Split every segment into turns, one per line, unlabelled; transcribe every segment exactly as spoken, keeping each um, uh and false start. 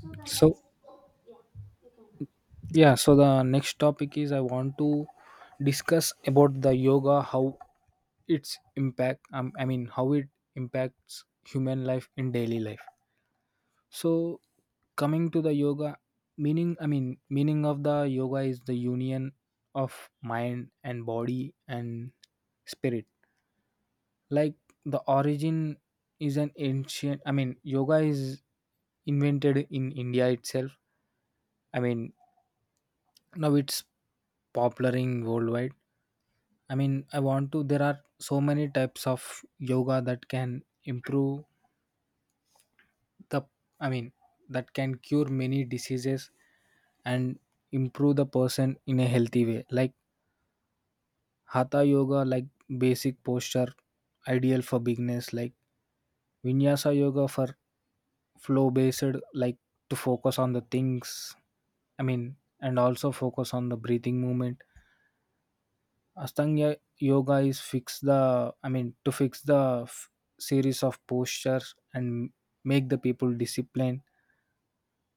So the
So
next, oh, yeah, you can continue.
yeah, so the next topic is I want to discuss about the yoga, how its impact. Um, I mean, how it impacts human life in daily life. So coming to the yoga meaning I mean meaning of the yoga is the union of mind and body and spirit. Like, the origin is an ancient. I mean yoga is invented in India itself. I mean, now it's popular in worldwide. I mean, I want to. There are so many types of yoga that can improve the. I mean, that can cure many diseases and improve the person in a healthy way. Like hatha yoga, like basic posture, ideal for beginners. Like vinyasa yoga for flow based, like to focus on the things. I mean, and also focus on the breathing movement. Astanga yoga is fix the I mean to fix the f- series of postures and make the people disciplined.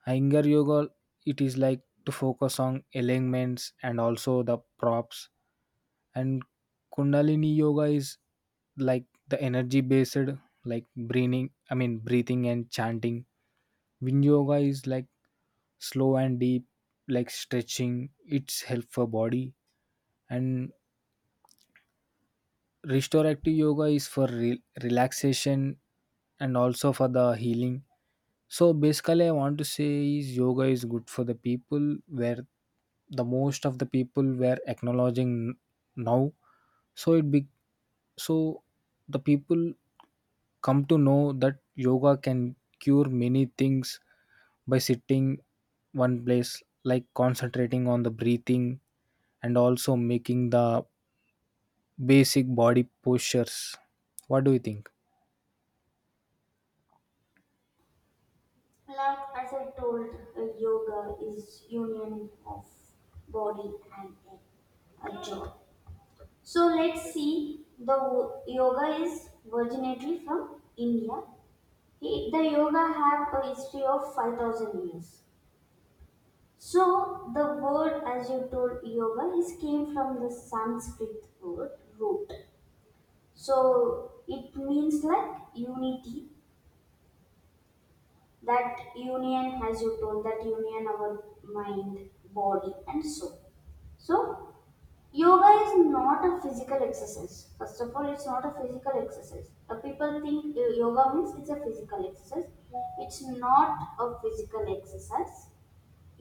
Iyengar yoga, it is like to focus on alignments and also the props. And Kundalini yoga is like the energy based, like breathing I mean breathing and chanting. Wind yoga is like slow and deep, like stretching. It's help for body. And restorative yoga is for re- relaxation and also for the healing. So basically, I want to say is yoga is good for the people, where the most of the people were acknowledging now. So it be so the people come to know that yoga can cure many things by sitting one place, like concentrating on the breathing and also making the basic body postures. What do you think?
Like as I told, uh, yoga is union of body and a, a joy. So let's see. The wo- yoga is originally from India. He, the yoga have a history of five thousand years. So the word, as you told, yoga is came from the Sanskrit word root. So it means like unity that union as you told that union our mind body and soul. So yoga is not a physical exercise. First of all, it's not a physical exercise. Uh, people think uh, yoga means it's a physical exercise. It's not a physical exercise.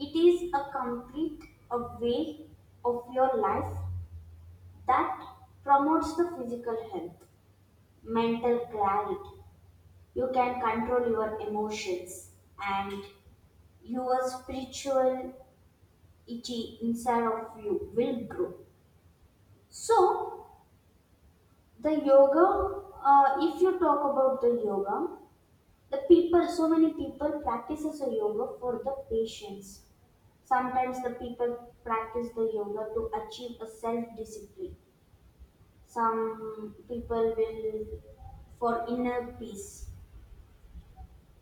It is a complete a way of your life that promotes the physical health, mental clarity. You can control your emotions and your spirituality inside of you will grow. So, the yoga, uh, if you talk about the yoga, the people, so many people practices a yoga for the patience. Sometimes the people practice the yoga to achieve a self-discipline. Some people will for inner peace.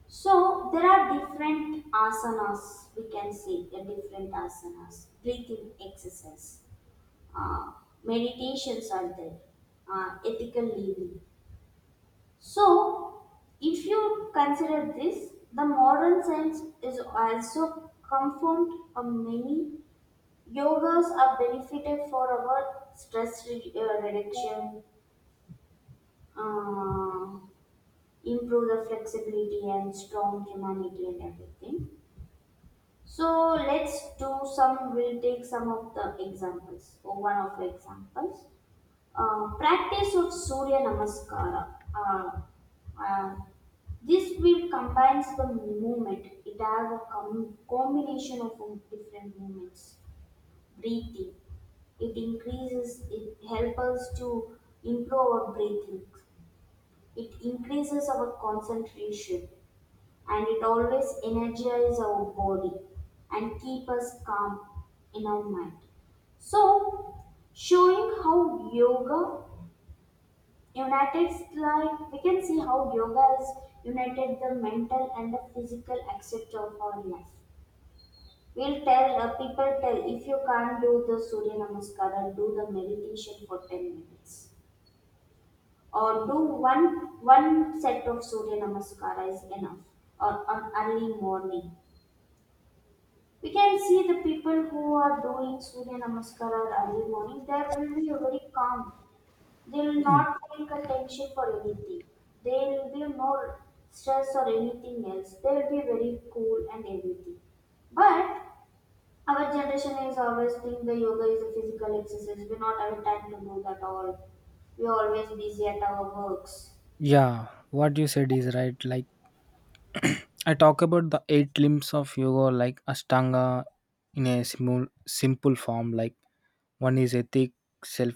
So there are different asanas, we can say the different asanas, breathing exercise. uh, Meditations are there, uh, ethical living. So, if you consider this, the modern science is also confirmed of many yogas are benefited for our stress re- uh, reduction, uh, improve the flexibility and strong humanity and everything. So let's do some. We'll take some of the examples or one of the examples. Uh, practice of Surya Namaskara. Uh, uh, this will combines the movement. It has a com- combination of different movements. Breathing. It increases. It helps us to improve our breathing. It increases our concentration, and it always energizes our body and keep us calm in our mind. So, showing how yoga united, like we can see how yoga has united the mental and the physical aspect of our life. We'll tell, uh, people tell, if you can't do the surya namaskara, do the meditation for ten minutes, or do one one set of surya namaskara is enough, or on early morning we can see the people who are doing surya namaskara early morning, they will be very calm. They will not take attention for anything. There will be no stress or anything else. They will be very cool and everything. But our generation is always think the yoga is a physical exercise. We not have time to do that all. We are always busy at our works.
Yeah, what you said is right. Like, I talk about the eight limbs of yoga, like Ashtanga, in a simple, simple form. Like, one is ethic, self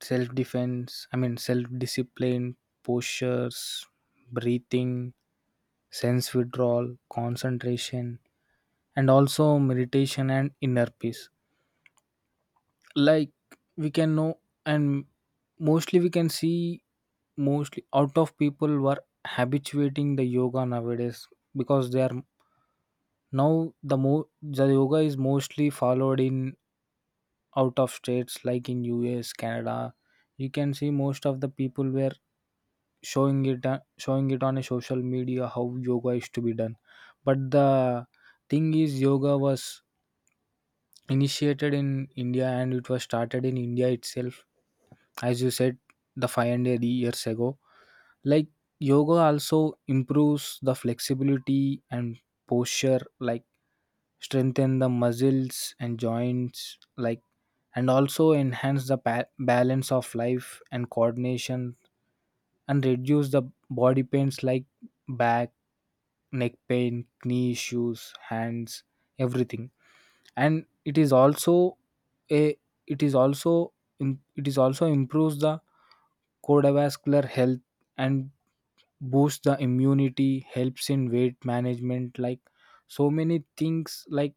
self defense. I mean, self discipline, postures, breathing, sense withdrawal, concentration, and also meditation and inner peace. Like, we can know. And mostly we can see, mostly out of people were habituating the yoga nowadays, because they are now. The more the yoga is mostly followed in out of states, like in US, Canada. You can see most of the people were showing it uh, showing it on a social media, how yoga is to be done. But the thing is, yoga was initiated in India and it was started in India itself. As you said, the five hundred years ago. Like, yoga also improves the flexibility and posture, like strengthen the muscles and joints. Like, and also enhance the pa- balance of life and coordination. And reduce the body pains, like back, neck pain, knee issues, hands, everything. And it is also a it is also im- it is also improves the cardiovascular health and boosts the immunity, helps in weight management, like so many things. Like,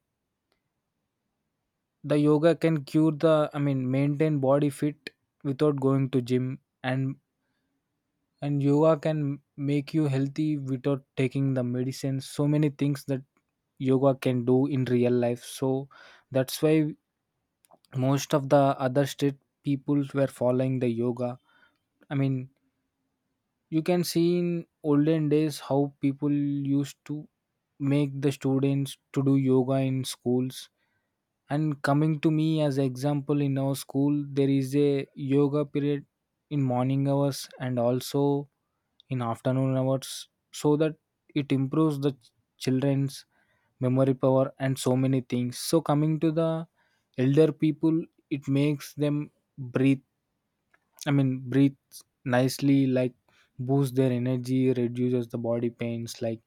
the yoga can cure the I mean maintain body fit without going to gym. And and yoga can make you healthy without taking the medicine. So many things that yoga can do in real life. So that's why most of the other state people were following the yoga. I mean, you can see in olden days how people used to make the students to do yoga in schools. And coming to me as example, in our school there is a yoga period in morning hours and also in afternoon hours, so that it improves the children's memory power and so many things. So coming to the elder people, it makes them breathe I mean, breathe nicely, like boost their energy, reduces the body pains, like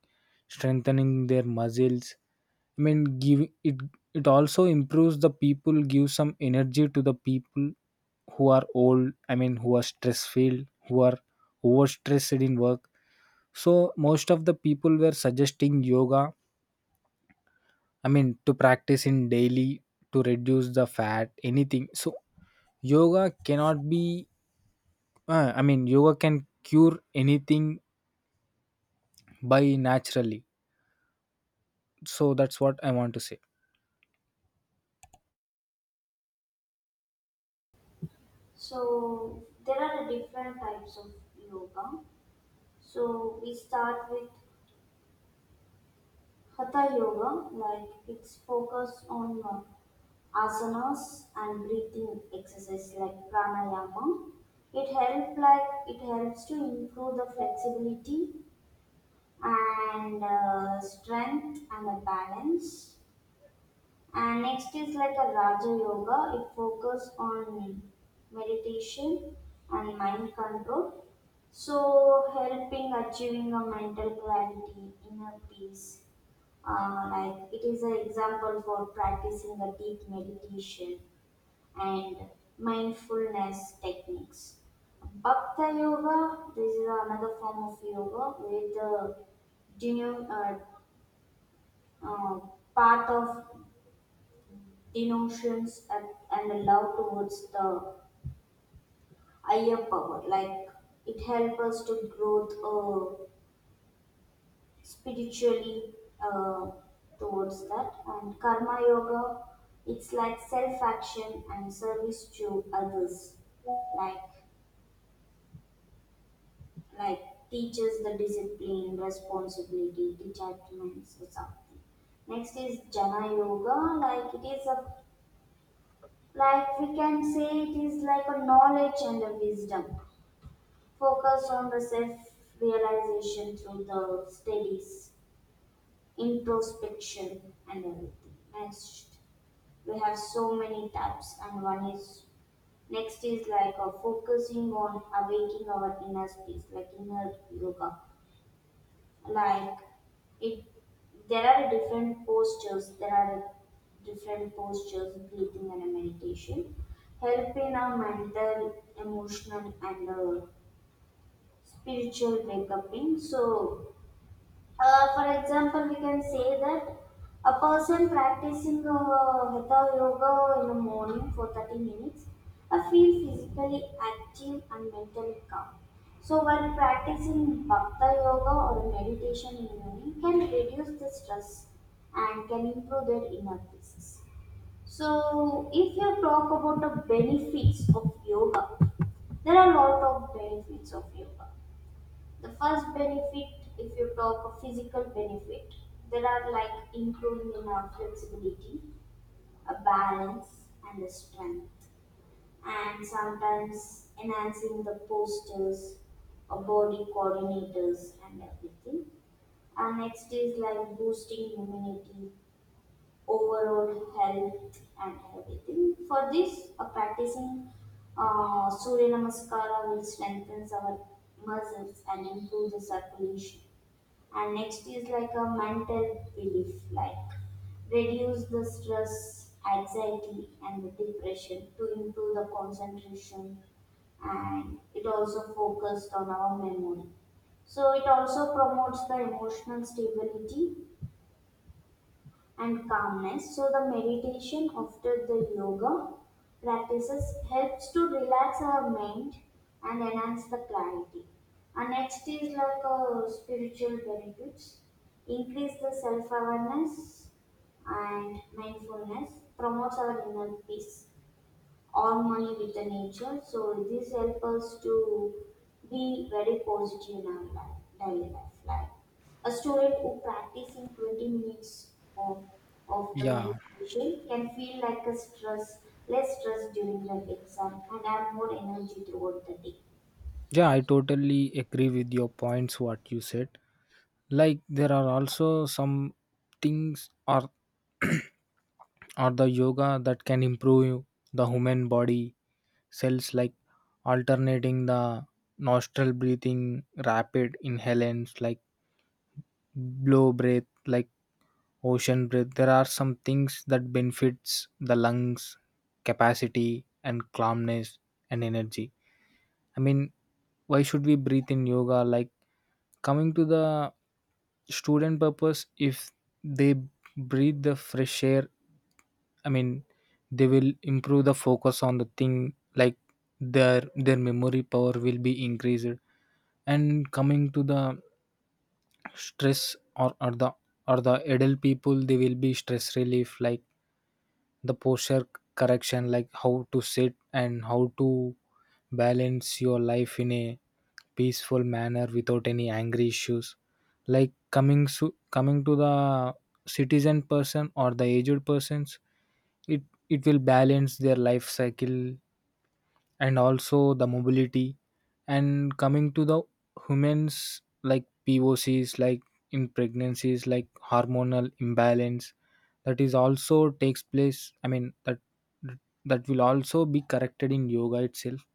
strengthening their muscles. I mean, give it. It also improves the people, gives some energy to the people who are old. I mean, who are stress filled, who are overstressed in work. So most of the people were suggesting yoga. I mean, to practice in daily to reduce the fat, anything. So yoga cannot be. Uh, I mean, yoga can cure anything by naturally. So that's what I want to say.
So there are different types of yoga. So we start with hatha yoga, like it's focused on uh, asanas and breathing exercise like pranayama. It help like it helps to improve the flexibility and uh, strength and the balance. And next is like a raja yoga, it focuses on meditation and mind control, so helping achieving a mental clarity, inner peace. Uh, like it is an example for practicing the deep meditation and mindfulness techniques. Bhakta Yoga, this is another form of yoga where the denu- uh, uh, path of denotions and, and the love towards the higher power. Like it helps us to grow uh, spiritually uh, towards that. And Karma Yoga, it's like self action and service to others. Like like teaches the discipline, responsibility, detachments or something. Next is Jana Yoga, like it is a like we can say it is like a knowledge and a wisdom. Focus on the self realization through the studies, introspection and everything. Next we have so many types and one is next is like a focusing on awakening our inner space like inner yoga. Like it, there are different postures there are different postures, breathing and meditation, help in our mental, emotional and uh, spiritual wake uping. So, uh, for example, we can say that a person practicing uh, hatha yoga in the morning for thirty minutes uh, feel physically active and mentally calm. So, while practicing bhakti yoga or meditation in the morning can reduce the stress and can improve their inner peace. So, if you talk about the benefits of yoga, there are a lot of benefits of yoga. The first benefit, if you talk of physical benefit, there are like including in our flexibility, a balance, and a strength, and sometimes enhancing the postures, or body coordinators, and everything. And next is like boosting immunity, overall health, and everything. For this, a practicing uh, Surya Namaskara will strengthen our muscles and improve the circulation. And next is like a mental relief, like reduce the stress, anxiety and the depression, to improve the concentration, and it also focused on our memory, so it also promotes the emotional stability and calmness. So the meditation after the yoga practices helps to relax our mind and enhance the clarity. And next is like a spiritual benefits, increase the self awareness and mindfulness, promotes our inner peace, harmony with the nature. So this helps us to be very positive in our life, daily life. Like a student who practices twenty minutes of, of the
Yeah,
meditation can feel like a stress, less stress during the exam and have more energy throughout the day.
yeah, I totally agree with your points. What you said, like there are also some things or or the yoga that can improve the human body cells, like alternating the nostril breathing, rapid inhalants, like blow breath, like ocean breath. There are some things that benefits the lungs capacity and calmness and energy. I mean, why should we breathe in yoga? Like, coming to the student purpose, if they breathe the fresh air, I mean, they will improve the focus on the thing. Like, their their memory power will be increased. And coming to the stress or, or the or the adult people, they will be stress relief. Like, the posture correction, like how to sit and how to balance your life in a peaceful manner without any angry issues. Like, coming so coming to the citizen person or the aged persons, it it will balance their life cycle and also the mobility. And coming to the humans, like pocs like in pregnancies, like hormonal imbalance, that is also takes place. I mean, that that will also be corrected in yoga itself.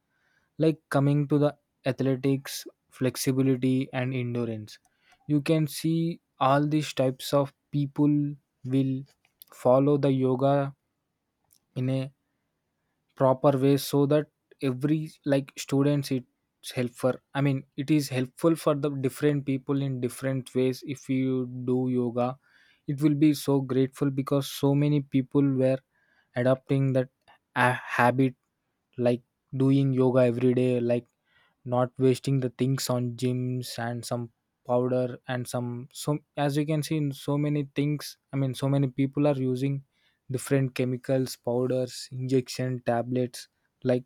Like, coming to the athletics, flexibility and endurance, you can see all these types of people will follow the yoga in a proper way. So that every, like students, it's helpful. I mean, it is helpful for the different people in different ways. If you do yoga, it will be so grateful, because so many people were adopting that uh, habit, like doing yoga every day, like not wasting the things on gyms and some powder and some. So as you can see in so many things, I mean, so many people are using different chemicals, powders, injection, tablets, like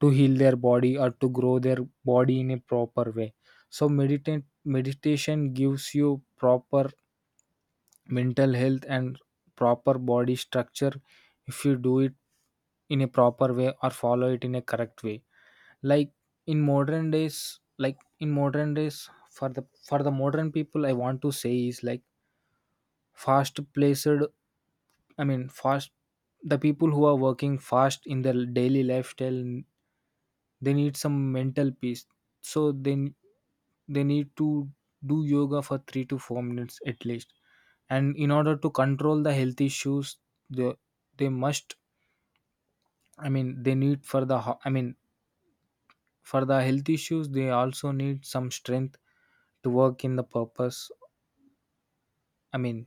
to heal their body or to grow their body in a proper way. So meditate meditation gives you proper mental health and proper body structure, if you do it in a proper way or follow it in a correct way. Like, in modern days like in modern days, for the for the modern people I want to say is like fast placed I mean fast the people who are working fast in their daily lifestyle, they need some mental peace. So they they need to do yoga for three to four minutes at least. And in order to control the health issues, they they must. I mean, they need for the ho- I mean for the health issues, they also need some strength to work in the purpose. I mean,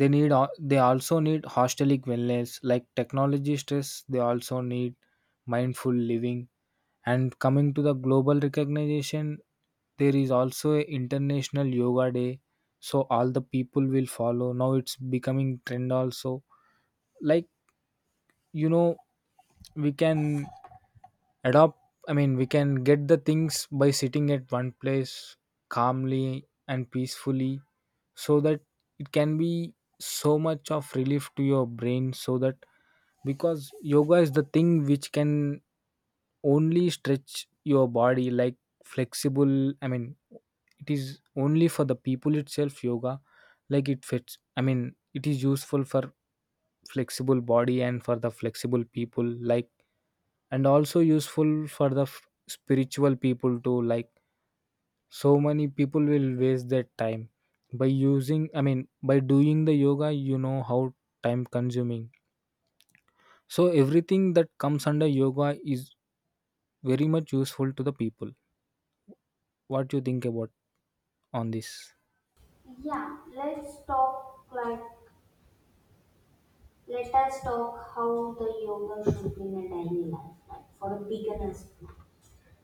they need al- they also need hostelic wellness, like technology stress. They also need mindful living. And coming to the global recognition, there is also a international yoga day. So all the people will follow. Now it's becoming trend also. Like, you know we can adopt. I mean, we can get the things by sitting at one place calmly and peacefully, so that it can be so much of relief to your brain, so that because yoga is the thing which can only stretch your body, like flexible. I mean, it is only for the people itself, yoga. Like, it fits I mean it is useful for flexible body and for the flexible people. Like, and also useful for the f- spiritual people too. Like, so many people will waste their time by using I mean by doing the yoga. You know how time consuming. So everything that comes under yoga is very much useful to the people. What do you think about on this?
Yeah, let's talk like let us talk how the yoga should be in a daily life, like for a beginner's.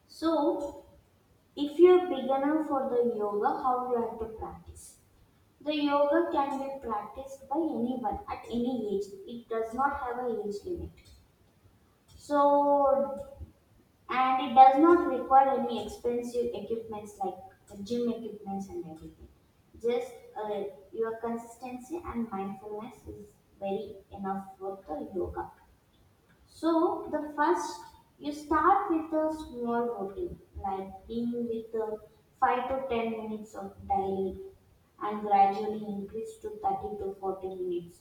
So, if you're a beginner for the yoga, how you have to practice? The yoga can be practiced by anyone at any age. It does not have a age limit. So, and it does not require any expensive equipments like gym equipments and everything. Just uh, your consistency and mindfulness is very enough for the yoga. So the first, you start with a small routine, like being with the five to ten minutes of daily and gradually increase to thirty to forty minutes.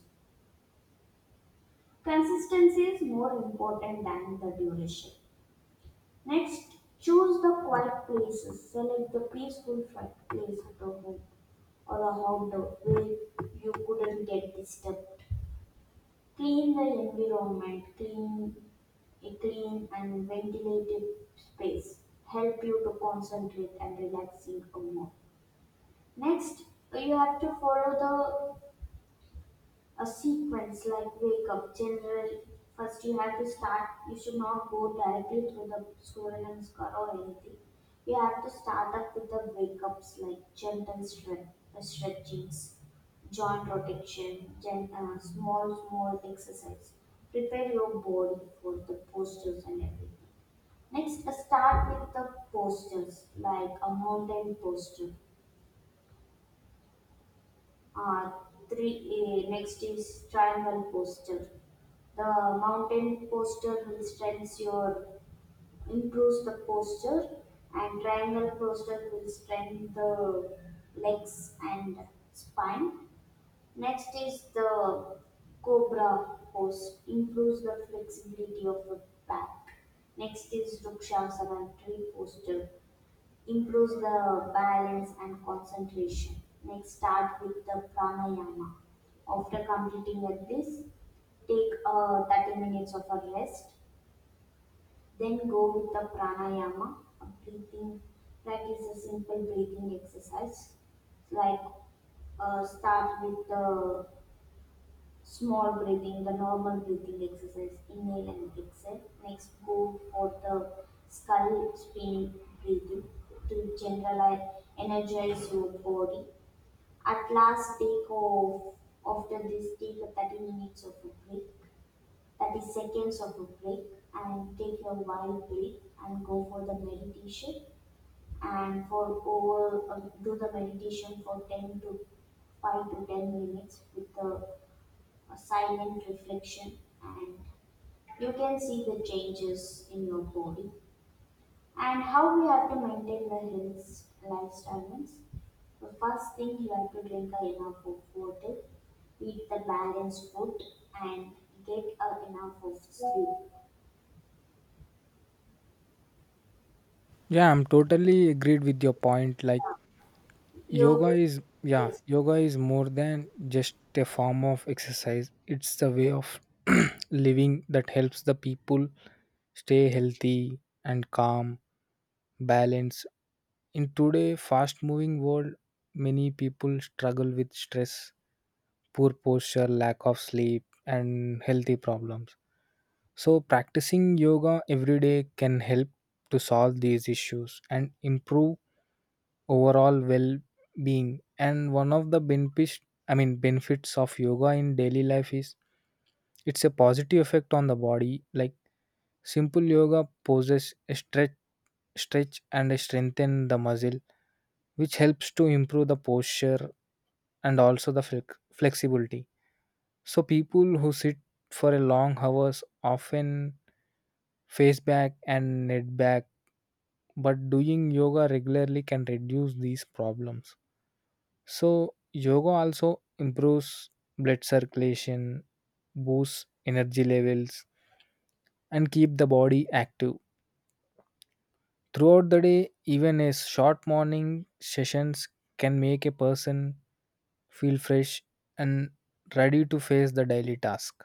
Consistency is more important than the duration. Next, choose the quiet places. Select the peaceful fi- place at a home or a outdoor where you couldn't get disturbed. Clean the environment, clean a clean and ventilated space help you to concentrate and relaxing more. Next, you have to follow a sequence like wake up generally. First, you have to start, you should not go directly through the squirrel and scar or anything. You have to start up with the wake ups like gentle stretch, uh, stretchings, joint rotation, gen, uh, small small exercise, prepare your body for the postures and everything. Next uh, start with the postures like a mountain posture, uh, three uh, next is triangle posture. The mountain posture will strengthen your, improves the posture, and triangle posture will strengthen the legs and spine. Next is the cobra pose, improves the flexibility of the back. Next is Vrukshasana tree posture, improves the balance and concentration. Next, start with the pranayama. After completing like this, take uh, thirty minutes of a rest. Then go with the pranayama, a breathing practice, a simple breathing exercise. Like, uh, start with the small breathing, the normal breathing exercise, inhale and exhale. Next, go for the skull spin breathing to generalize, energize your body. At last, take off. After this, take a thirty minutes of a break, thirty seconds of a break, and take your wild break and go for the meditation. And for over, uh, do the meditation for ten to five to ten minutes with the a silent reflection, and you can see the changes in your body and how we have to maintain the health lifestyle means the first thing you have to drink a enough of water, eat the balanced food, and get a enough of sleep.
Yeah, I'm totally agreed with your point. Like, Yoga
you
is, yeah,
yes
yoga is more than just a form of exercise. It's the way of living that helps the people stay healthy and calm, balanced. In today's fast moving world, many people struggle with stress, poor posture, lack of sleep, and healthy problems. So, practicing yoga every day can help to solve these issues and improve overall well-being. And one of the benefits I mean benefits of yoga in daily life is it's a positive effect on the body, like simple yoga poses a stretch stretch and strengthen the muscle, which helps to improve the posture and also the flex- flexibility. So people who sit for a long hours often face back and neck back, but doing yoga regularly can reduce these problems. So, yoga also improves blood circulation, boosts energy levels, and keep the body active. Throughout the day, even a short morning sessions can make a person feel fresh and ready to face the daily task.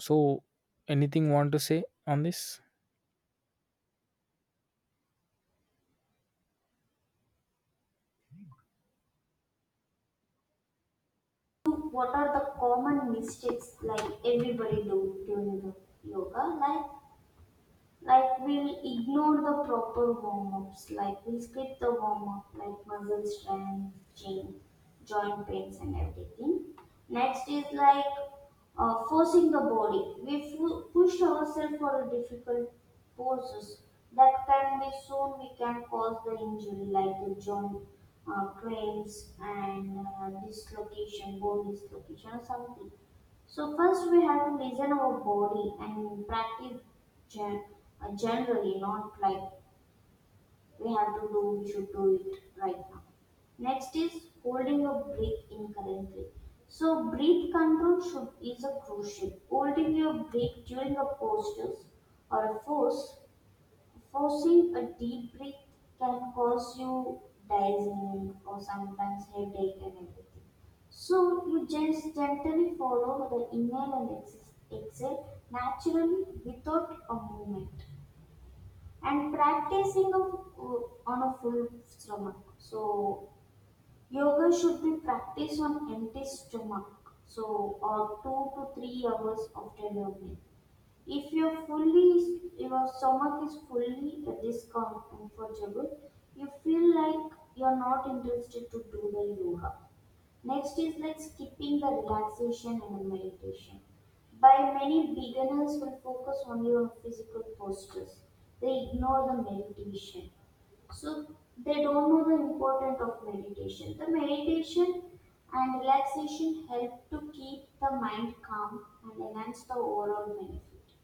So, anything want to say on this?
What are the common mistakes like everybody do during the yoga? like Like we'll ignore the proper warm-ups, like we'll skip the warm-up, like muscle stretching, joint pains and everything. Next is like, uh, forcing the body. We fu- push ourselves for a difficult poses that can be soon we can cause the injury like the joint, uh, cramps, and uh, dislocation, bone dislocation or something. So first we have to listen our body and practice gen- uh, generally, not like, we have to do, we should do it right now. Next is holding your breath incorrectly. So breath control should is a crucial. Holding your breath during a postures or a force forcing a deep breath can cause you dizziness or sometimes headache and everything. So you just gently follow the inhale and ex- exhale naturally without a movement, and practicing of, on a full stomach. So yoga should be practiced on empty stomach. So or two to three hours after your meal. If your fully, your stomach is fully discomfortable, you feel like you're not interested to do the yoga. Next is like skipping the relaxation and meditation. By many beginners will focus only on physical postures. They ignore the meditation. So they don't know the importance of meditation. The meditation and relaxation help to keep the mind calm and enhance the overall benefit,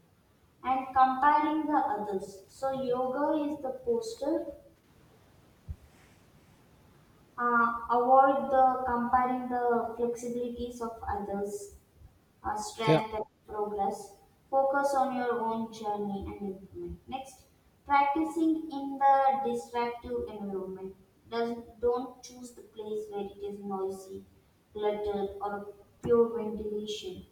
and comparing the others. So yoga is the posture. Uh, avoid the comparing the flexibilities of others, uh,
Yeah,
strength and progress. Focus on your own journey and improvement. Next, practicing in the distractive environment. Does, don't choose the place where it is noisy, cluttered, or pure ventilation.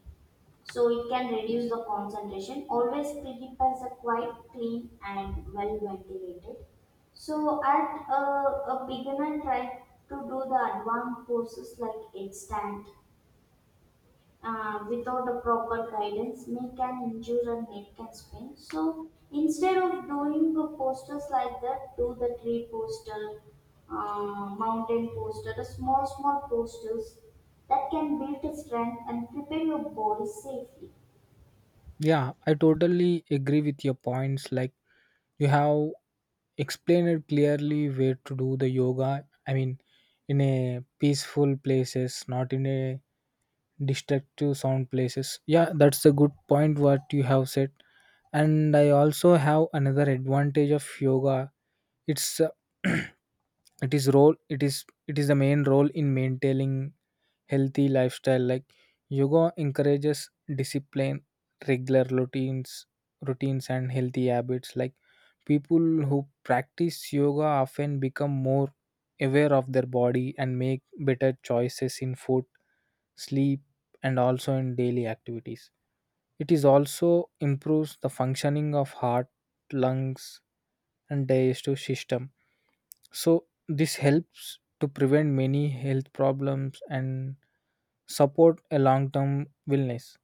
So it can reduce the concentration. Always keep as a quite clean and well ventilated. So at a, a beginner try to do the advanced courses like instant uh, without a proper guidance may can injure and neck can sprain. So instead of doing the posters like that, do the tree poster, uh, mountain poster, the small small posters that can build strength and prepare your body safely.
yeah, I totally agree with your points. Like, you have explain it clearly where to do the yoga. I mean, in a peaceful places, not in a destructive sound places. Yeah, that's a good point what you have said. And I also have another advantage of yoga. It's uh, it is role it is it is the main role in maintaining healthy lifestyle, like yoga encourages discipline, regular routines routines and healthy habits, like people who practice yoga often become more aware of their body and make better choices in food, sleep and also in daily activities. It is also improves the functioning of heart, lungs and digestive system. So this helps to prevent many health problems and support a long-term wellness.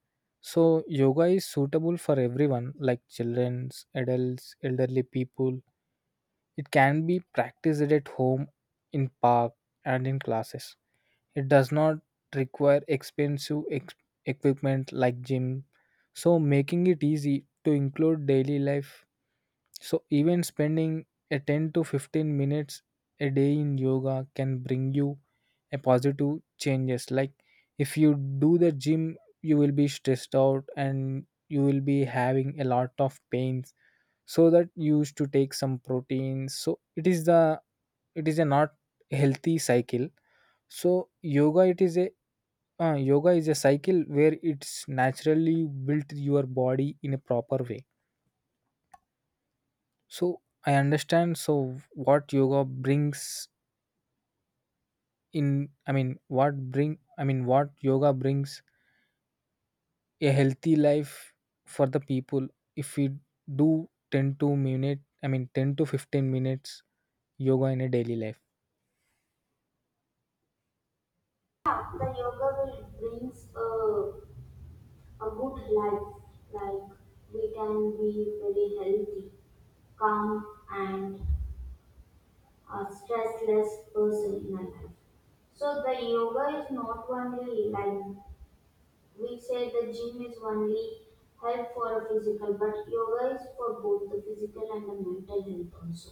So yoga is suitable for everyone like children, adults, elderly people. It can be practiced at home, in park and in classes. It does not require expensive ex- equipment like gym, so making it easy to include daily life. So even spending a ten to fifteen minutes a day in yoga can bring you a positive changes. Like, if you do the gym, you will be stressed out and you will be having a lot of pains. So that you used to take some proteins. So it is the it is a not healthy cycle. So yoga, it is a uh, yoga is a cycle where it's naturally built your body in a proper way. So I understand. So what yoga brings in, I mean, what bring, I mean, what yoga brings a healthy life for the people. If we do ten to minute, I mean, ten to fifteen minutes yoga in a daily life.
Yeah, the yoga will brings a, a good life. Like we can be very healthy, calm, and a stressless person in our life. So the yoga is not only like we say the gym is only help for physical, but yoga is for both the physical and the mental health also.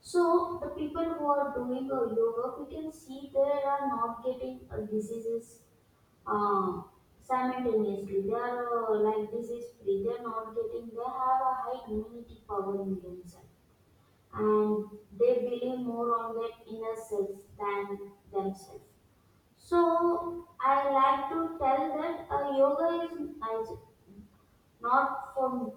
So the people who are doing a yoga, we can see they are not getting uh, diseases uh, simultaneously. They are uh, like disease free. They are not getting. They have a high immunity power in themselves, and they believe more on their inner self than themselves. So I like to tell that uh, yoga is is not for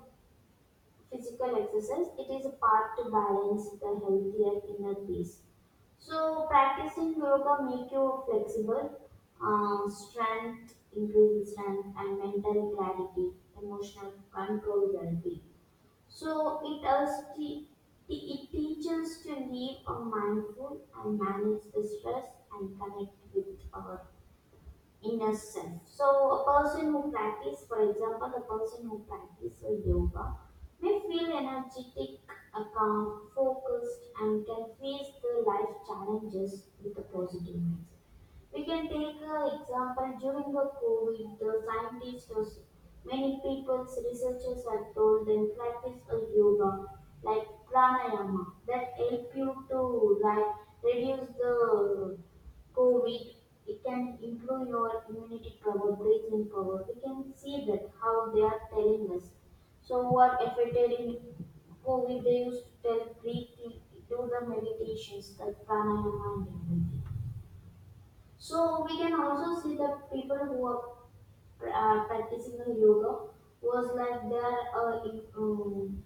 physical exercise. It is a part to balance the healthier inner peace. So practicing yoga make you flexible, um, strength, increasing strength and mental clarity, emotional control, well-being. So it us te- te- it teaches to live a mindful and manage the stress and connect with our inner self. So a person who practice, for example, a person who practice a yoga may feel energetic, uh, calm, focused, and can face the life challenges with a positive mindset. We can take an example during the COVID, the scientists, or s- many people, researchers have told them practice a yoga like pranayama that help you to like reduce the Covid. It can improve your immunity power, breathing power. We can see that how they are telling us. So what affected in COVID they used to tell breathe, do the meditations like pranayama and everything. So we can also see that people who are pra- uh, practicing the yoga was like they are uh, in- um,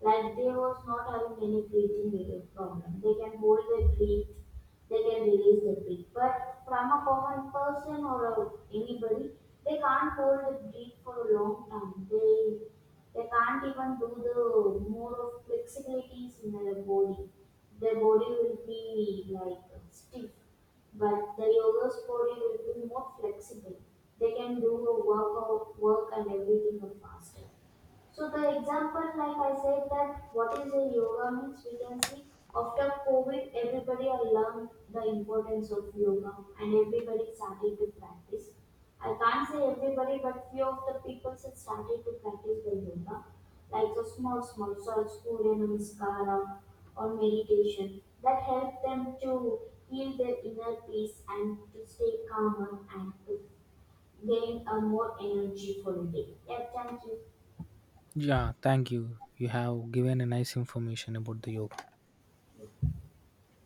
like they was not having any breathing related problem. They can hold their breath, they can release their breath. But from a common person or a, anybody, they can't hold the breath for a long time. They they can't even do the more of flexibilities in their body. Their body will be like stiff, but the yoga's body will be more flexible. They can do a workout, work and everything faster. So the example, like I said, that what is a yoga means, we can see after COVID, everybody I learned the importance of yoga and everybody started to practice. I can't say everybody, but few of the people had started to practice the yoga, like a small, small, so Surya Namaskara or meditation that help them to heal their inner peace and to stay calmer and to gain a more energy for the day. Yeah, thank you.
Yeah. Thank you. You have given a nice information about the yoga.